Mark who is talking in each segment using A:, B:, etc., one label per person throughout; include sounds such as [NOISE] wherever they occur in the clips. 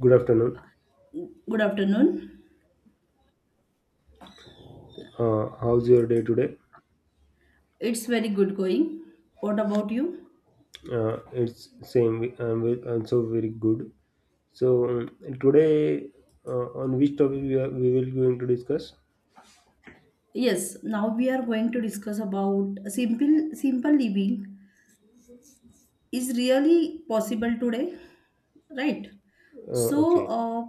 A: Good afternoon.
B: Good afternoon.
A: How's your day today?
B: It's very good going. What about you?
A: It's same. I'm, ve- I very good. So um, Today, on which topic we will going to discuss?
B: Yes, now we are going to discuss about simple simple living is really possible today, right? So,
A: Okay.
B: uh,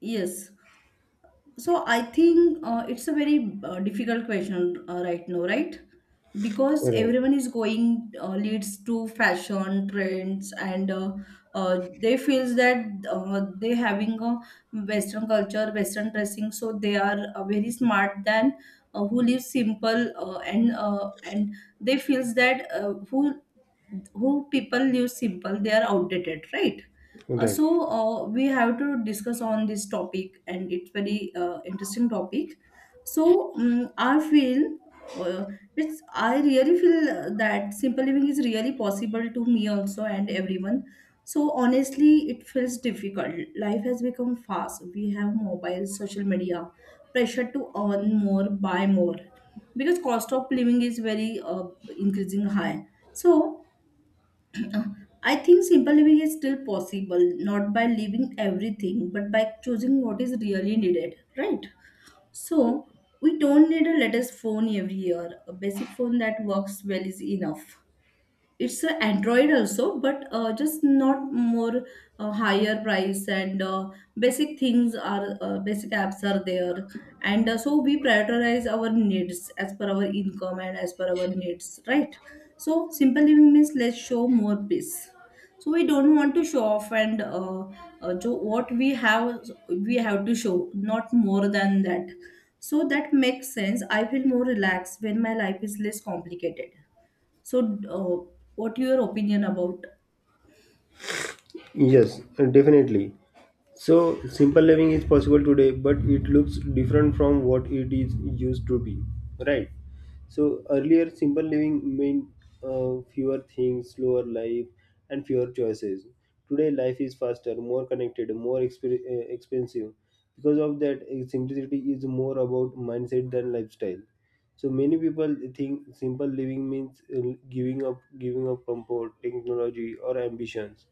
B: yes, So I think it's a very difficult question right now, right? Because
A: All right.
B: everyone is going leads to fashion trends, and they feels that they having a Western culture, Western dressing, so they are very smart than who lives simple and they feels that uh, who people live simple they are outdated, right.
A: All
B: Uh,
A: right.
B: so we have to discuss on this topic and it's very interesting topic, so I feel, uh, it's I really feel that simple living is really possible to me also and everyone. So honestly it feels difficult, life has become fast, we have mobile, social media, pressure to earn more, buy more, because cost of living is very increasing high. So I think simple living is still possible, not by leaving everything, but by choosing what is really needed, right? So, we don't need a latest phone every year. A basic phone that works well is enough, it's a android also but just not more higher price and basic things are basic apps are there. And uh, so we prioritize our needs as per our income and as per our needs, right. So simple living means let's show more peace, so we don't want to show off and what we have to show not more than that. So that makes sense, I feel more relaxed when my life is less complicated. So, what your opinion about?
A: Yes, definitely. So, simple living is possible today, but it looks different from what it is used to be, right? So, earlier, simple living meant fewer things, slower life, and fewer choices. Today, life is faster, more connected, expensive. Because of that, simplicity is more about mindset than lifestyle. So many people think simple living means giving up comfort, technology, or ambitions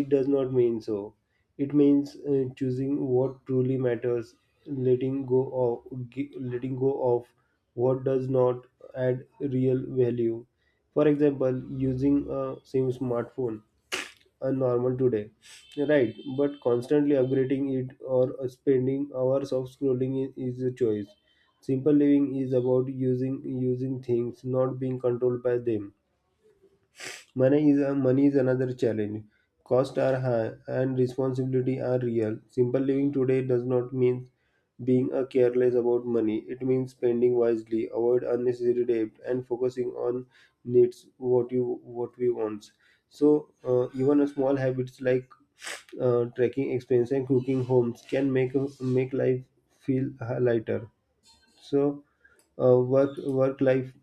A: it does not mean so. It means choosing what truly matters, letting go letting go of what does not add real value. For example, using a same smartphone, a normal today, right? But constantly upgrading it or spending hours of scrolling is a choice. Simple living is about using things, not being controlled by them. Money is another challenge. Costs are high and responsibility are real. Simple living today does not mean being a careless about money. It means spending wisely, avoid unnecessary debt, and focusing on needs what we want. So even a small habits like tracking expenses and cooking homes can make life feel lighter. So uh, work life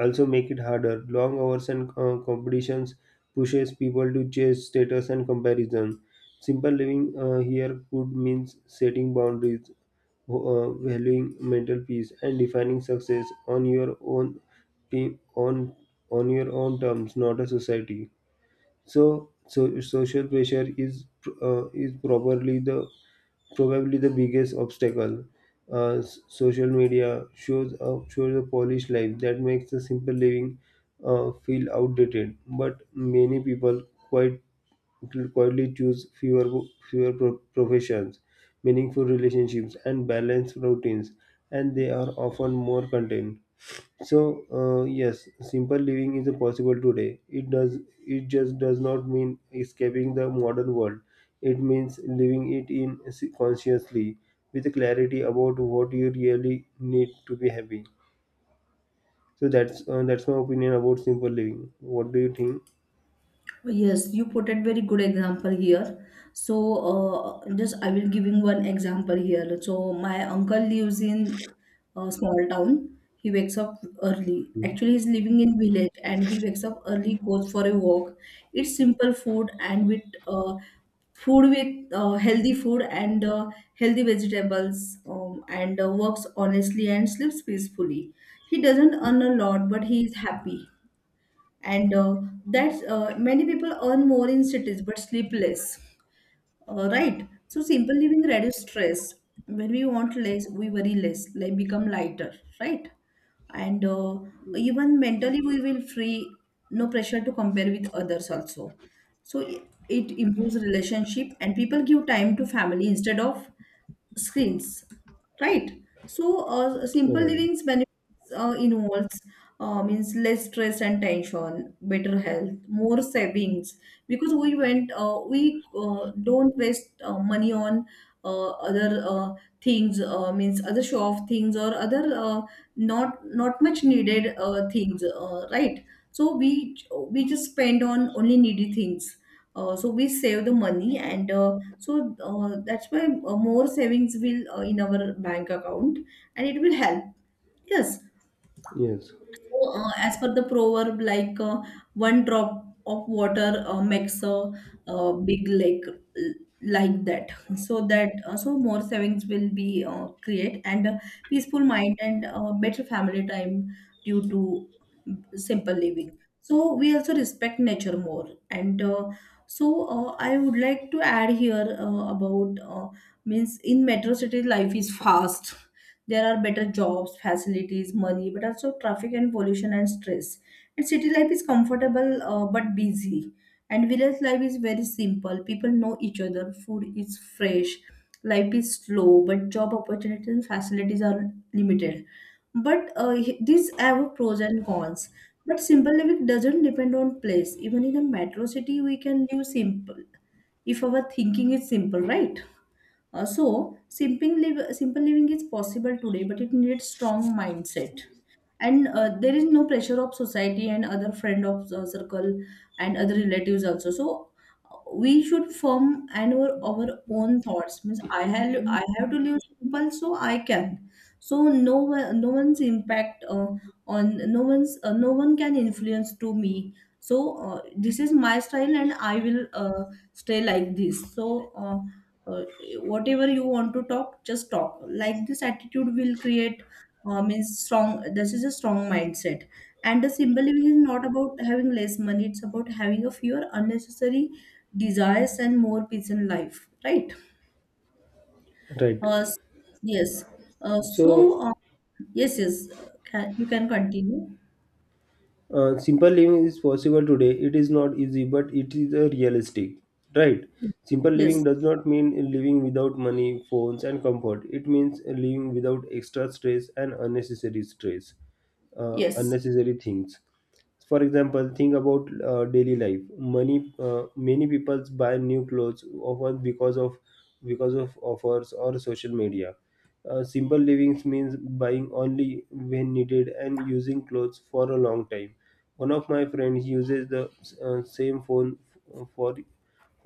A: also make it harder. Long hours and competitions pushes people to chase status and comparison. Simple living here could mean setting boundaries, valuing mental peace, and defining success on your own team on your own terms, not a society. So, so social pressure is probably the biggest obstacle. Social media shows a polished life that makes the simple living feel outdated. But many people quite quietly choose professions, meaningful relationships, and balanced routines, and they are often more content. So yes, simple living is possible today. It just does not mean escaping the modern world. It means living it in s- consciously with clarity about what you really need to be happy. So that's my opinion about simple living. What do you think?
B: Yes, you put a very good example here. So, just I will giving one example here. So, my uncle lives in a small town. He wakes up early. Actually, he's living in village and he wakes up early, goes for a walk, eats simple food and with uh, food with healthy food and healthy vegetables, and works honestly and sleeps peacefully. He doesn't earn a lot, but he is happy. And that's many people earn more in cities but sleep less, right. So simple living reduce stress. When we want less, we worry less, like become lighter, right? And even mentally, we will free, no pressure to compare with others also. So it improves relationship and people give time to family instead of screens, right? So simple
A: Right.
B: living's benefits involves means less stress and tension, better health, more savings, because we don't waste money on other things, means other show off things or other, not much needed things, right. So we just spend on only needy things, so we save the money and that's why more savings will in our bank account and it will help. Yes,
A: Yes.
B: so, as per the proverb, like, one drop of water makes a, big lake like that. So that, so more savings will be create and a peaceful mind and better family time due to simple living. So we also respect nature more. And I would like to add here about, means in metro city life is fast, there are better jobs, facilities, money, but also traffic and pollution and stress. And city life is comfortable but busy. And village life is very simple. People know each other, food is fresh, life is slow, but job opportunities and facilities are limited. But these have pros and cons. But simple living doesn't depend on place. Even in a metro city, we can live simple if our thinking is simple, right? So, simple living is possible today, but it needs strong mindset. And there is no pressure of society and other friend of the circle and other relatives also. So, we should form and our own thoughts. Means I have to live simple, so I can. So no one's impact, on no one's, no one can influence to me. So this is my style, and I will stay like this. So. Uh, Whatever you want to talk just talk, like this attitude will create means strong this is a strong mindset. And the simple living is not about having less money, it's about having a fewer unnecessary desires and more peace in life, right?
A: Right.
B: uh, s- yes, uh, so
A: So
B: uh, yes, yes, can, you can continue.
A: simple living is possible today. It is not easy, but it is a realistic, right? Simple living
B: Yes,
A: does not mean living without money, phones, and comfort. It means living without extra stress and unnecessary stress,
B: yes,
A: unnecessary things. For example, think about daily life money. Many people buy new clothes often because of offers or social media. Simple living means buying only when needed and using clothes for a long time. One of my friends uses the same phone f- for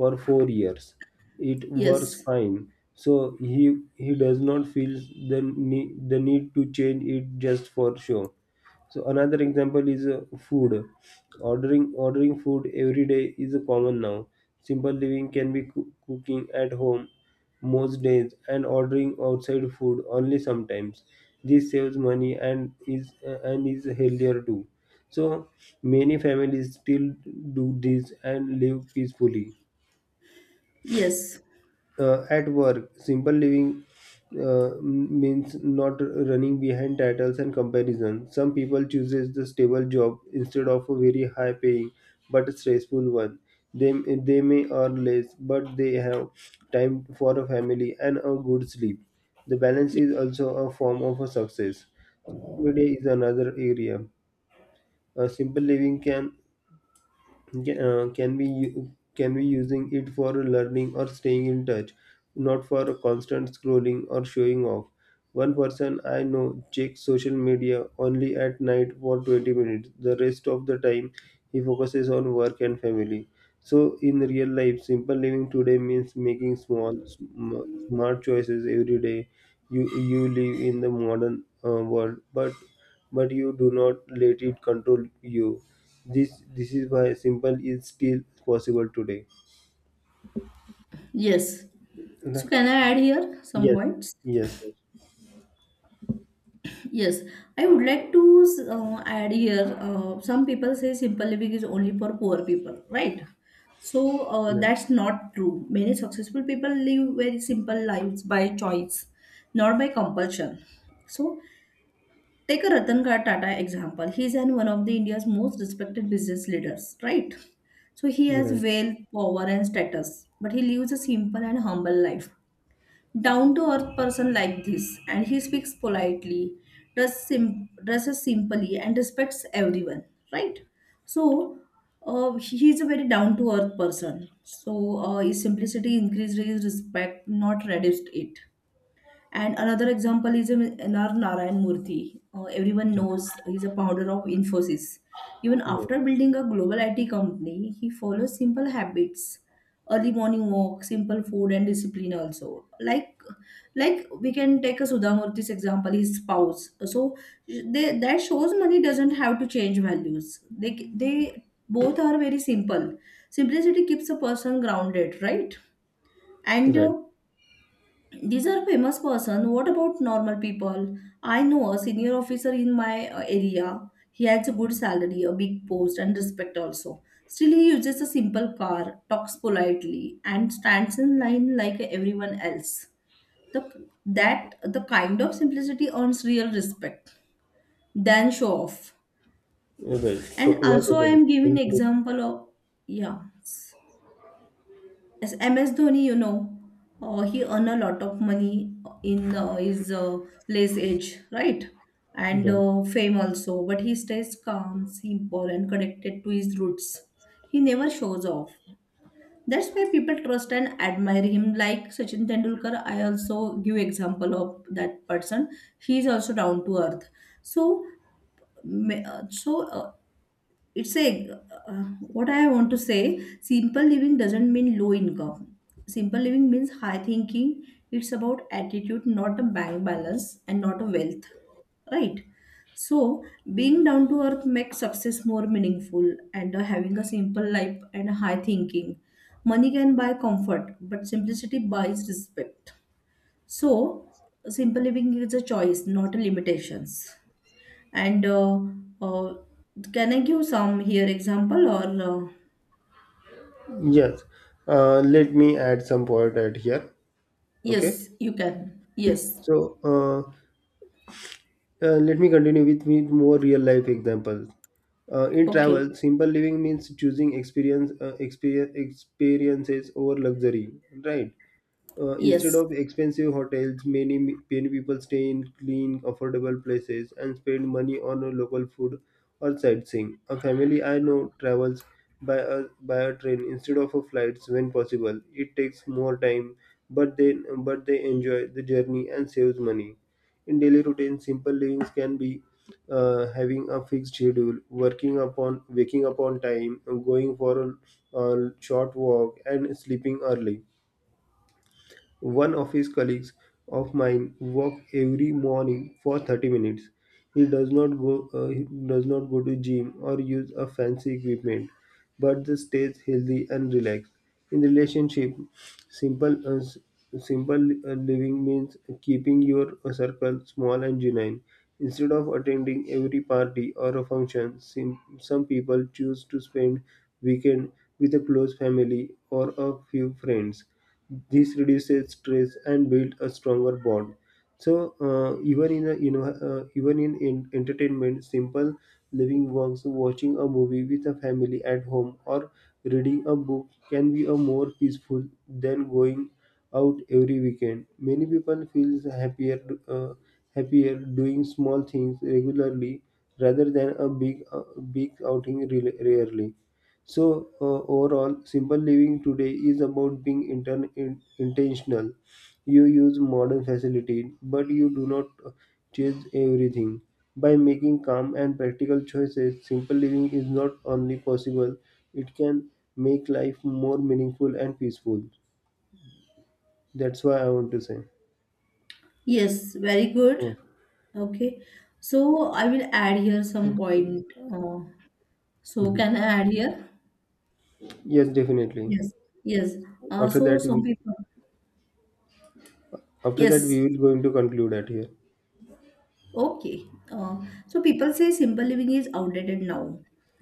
A: for 4 years. It works
B: yes,
A: fine, so he does not feel the need to change it just for show. So another example is food. Ordering food every day is common now. Simple living can be cooking at home most days and ordering outside food only sometimes. This saves money and is healthier too. So many families still do this and live peacefully.
B: yes,
A: At work, simple living means not running behind titles and comparison. Some people chooses the stable job instead of a very high paying but a stressful one. they, they may earn less, but they have time for a family and a good sleep. The balance
B: yes,
A: is also a form of a success. Every day is another area. A simple living can can we using it for learning or staying in touch, not for constant scrolling or showing off. One person I know checks social media only at night for 20 minutes. The rest of the time he focuses on work and family. So in real life, simple living today means making smart choices every day. You live in the modern world, but you do not let it control you. This is why simple is still possible today.
B: yes, so
A: Right.
B: can I add here some
A: Yes.
B: points?
A: Yes. Yes.
B: Yes, I would like to add here. Some people say simple living is only for poor people, right? So
A: Yes.
B: that's not true. Many successful people live very simple lives by choice, not by compulsion. So take a Ratan Tata example. He's an one of the India's most respected business leaders, right? So he
A: Right.
B: has
A: Right.
B: wealth, power, and status, but he lives a simple and humble life, down to earth person like this, and he speaks politely, dresses simply and respects everyone, right. So he is a very down to earth person, so his simplicity increased his respect, not reduced it. And another example is N.R. Narayan Murthy. Everyone knows he's a founder of Infosys. Even
A: Yeah.
B: after building a global IT company, he follows simple habits, early morning walk, simple food, and discipline also. Like we can take a Sudha Murthy's example, his spouse. So that shows money doesn't have to change values. They both are very simple. Simplicity keeps a person grounded, right? And
A: Right.
B: these are famous person. What about normal people? I know a senior officer in my area. He has a good salary, a big post, and respect also. Still, he uses a simple car, talks politely, and stands in line like everyone else. That the kind of simplicity earns real respect than show off.
A: Right. To-
B: And
A: You're
B: also, I
A: totally
B: am giving
A: correct.
B: example of, yeah. As MS Dhoni, you know, he earned a lot of money in his late age, right? And
A: Right.
B: fame also. But he stays calm, simple, and connected to his roots. He never shows off. That's why people trust and admire him. Like Sachin Tendulkar, I also give example of that person. He is also down to earth. So, ma- uh, so uh, it's a, uh, what I want to say, simple living doesn't mean low income, simple living means high thinking. It's about attitude, not a bank balance and not a wealth, right? So being down to earth makes success more meaningful, and having a simple life and a high thinking, money can buy comfort but simplicity buys respect. So simple living is a choice, not a limitations. And uh, can I give some here example or
A: Yes. Let me add some point at here. Okay.
B: yes, you can. Yes.
A: So let me continue with more real life examples. In
B: Okay.
A: travel, simple living means choosing experiences over luxury, right? Instead
B: Yes.
A: of expensive hotels, many people stay in clean, affordable places and spend money on a local food or sightseeing. A family I know travels by a train instead of a flights when possible. It takes more time, but they enjoy the journey and saves money. In daily routine, simple livings can be having a fixed schedule, working upon waking up on time, going for a short walk, and sleeping early. One of his colleagues of mine walks every morning for 30 minutes. He does not go to gym or use a fancy equipment, but just stays healthy and relaxed. In relationship, simple s- simple living means keeping your circle small and genuine. Instead of attending every party or a function, some people choose to spend weekend with a close family or a few friends. This reduces stress and build a stronger bond. So even in a, even in entertainment, simple living works. Watching a movie with a family at home or reading a book can be a more peaceful than going out every weekend. Many people feel uh, happier doing small things regularly rather than a big big outing rarely. So, overall, simple living today is about being intentional. You use modern facility, but you do not chase everything. By making calm and practical choices, simple living is not only possible, it can make life more meaningful and peaceful. That's why I want to say.
B: Yes. Very good.
A: Oh,
B: Okay. So I will add here some point. So
A: mhm.
B: can I add here?
A: Yes, definitely.
B: Yes. Yes.
A: After
B: So
A: that,
B: some
A: we,
B: people.
A: After that, we
B: Yes.
A: will going to conclude at here.
B: Okay. So people say simple living is outdated now.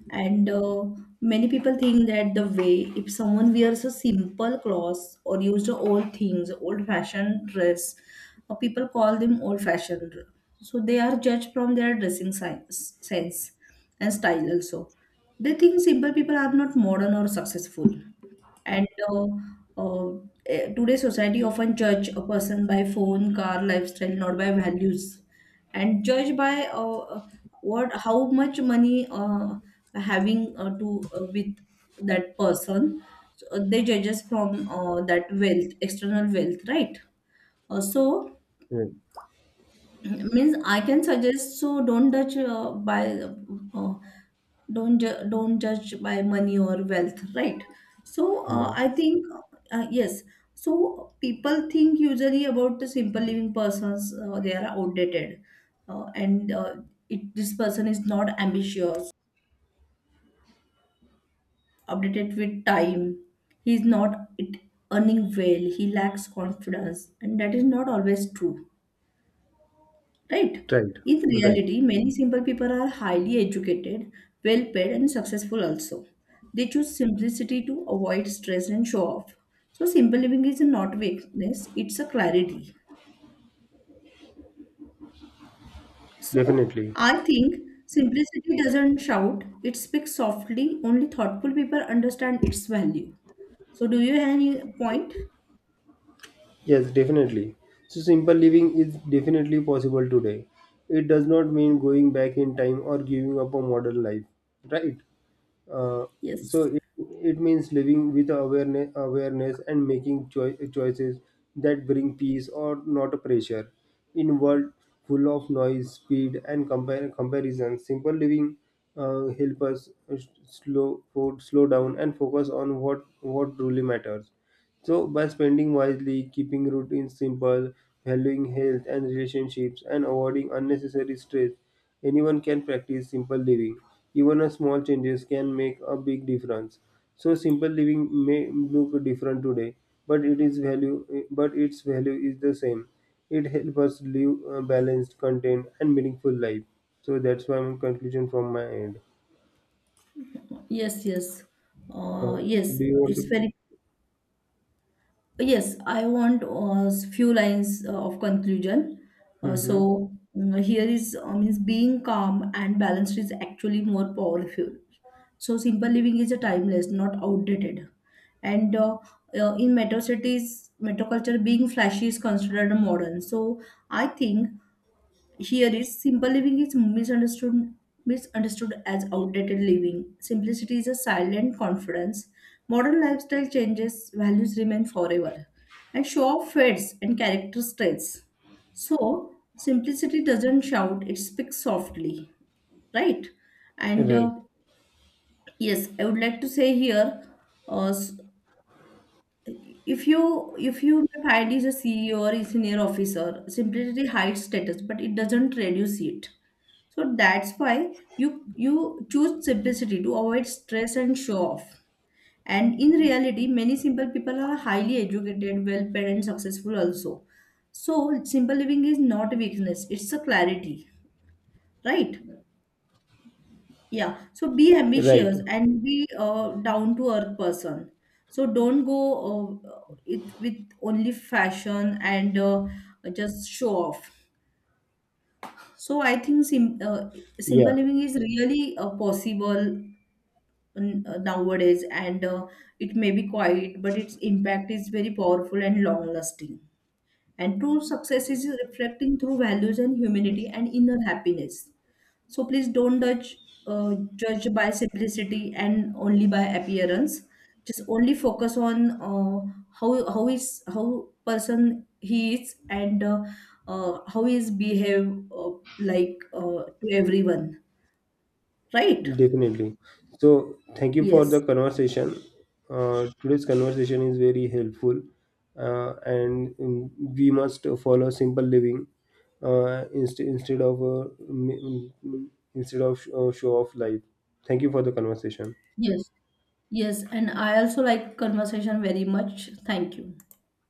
B: And many people think that the way if someone wears a simple clothes or use the old things, old fashioned dress, people call them old fashioned. So they are judged from their dressing sense and style also. They think simple people are not modern or successful. And uh, today society often judge a person by phone, car, lifestyle, not by values, and judge by, what how much money having to with that person. So, they judge us from, that wealth, external wealth, right? So
A: Right.
B: [CLEARS THROAT] means I can suggest, so don't judge by, uh, don't judge by money or wealth, right. So
A: Right.
B: I think, yes, so people think usually about the simple living persons they are outdated, and it, this person is not ambitious, updated with time, he is not it, earning well, he lacks confidence, and that is not always true, right?
A: Right.
B: In
A: Right.
B: reality, many simple people are highly educated, well paid, and successful also. They choose simplicity to avoid stress and show off. So, simple living is not weakness, it's a clarity. So,
A: Definitely.
B: I think simplicity doesn't shout, it speaks softly. Only thoughtful people understand its value. So, do you have any point?
A: Yes, definitely. So simple living is definitely possible today. It does not mean going back in time or giving up a modern life, right? Uh, so
B: Yes.
A: it means living with awareness, and making choices that bring peace or not a pressure. In world full of noise, speed, and comparison, simple living help us s- slow for, slow down and focus on what truly matters. So by spending wisely, keeping routines simple, valuing health and relationships, and avoiding unnecessary stress, anyone can practice simple living. Even a small changes can make a big difference. So simple living may look different today, but it is value but its value is the same. It helps us live a balanced, content and meaningful life. So that's my conclusion from my end.
B: Yes, yes.
A: Uh,
B: Yes,
A: do you want
B: it's
A: to?
B: very Yes, I want a few lines of conclusion.
A: Hmm.
B: Here is, means being calm and balanced is actually more powerful. So simple living is a timeless, not outdated. And in metro cities, metro culture being flashy is considered modern. So I think here is simple living is misunderstood as outdated living. Simplicity is a silent confidence. Modern lifestyle changes, values remain forever. And show off fades and character stays. So simplicity doesn't shout, it speaks softly, right. And
A: Right.
B: yes I would like to say here, uh, s- if you may find is a CEO or senior officer, simply hides status, but it doesn't reduce it. So that's why you you choose simplicity to avoid stress and show off. And in reality, many simple people are highly educated, well-paid, and successful also. So simple living is not a weakness; it's a clarity, right? Yeah, so be
A: Right.
B: ambitious and be a down to earth person. So don't go it with only fashion and just show off. So I think simple
A: Yeah.
B: living is really possible nowadays, and it may be quiet, but its impact is very powerful and long lasting. And true success is reflecting through values and humanity and inner happiness. So please don't judge judge by simplicity and only by appearance. Just only focus on how person he is and how he is behave, to everyone, right?
A: Definitely. So, thank you for the
B: Yes,
A: conversation. Today's conversation is very helpful, and we must follow simple living instead of show off life. Thank you for the conversation.
B: yes, yes. And I also like conversation very much. Thank you.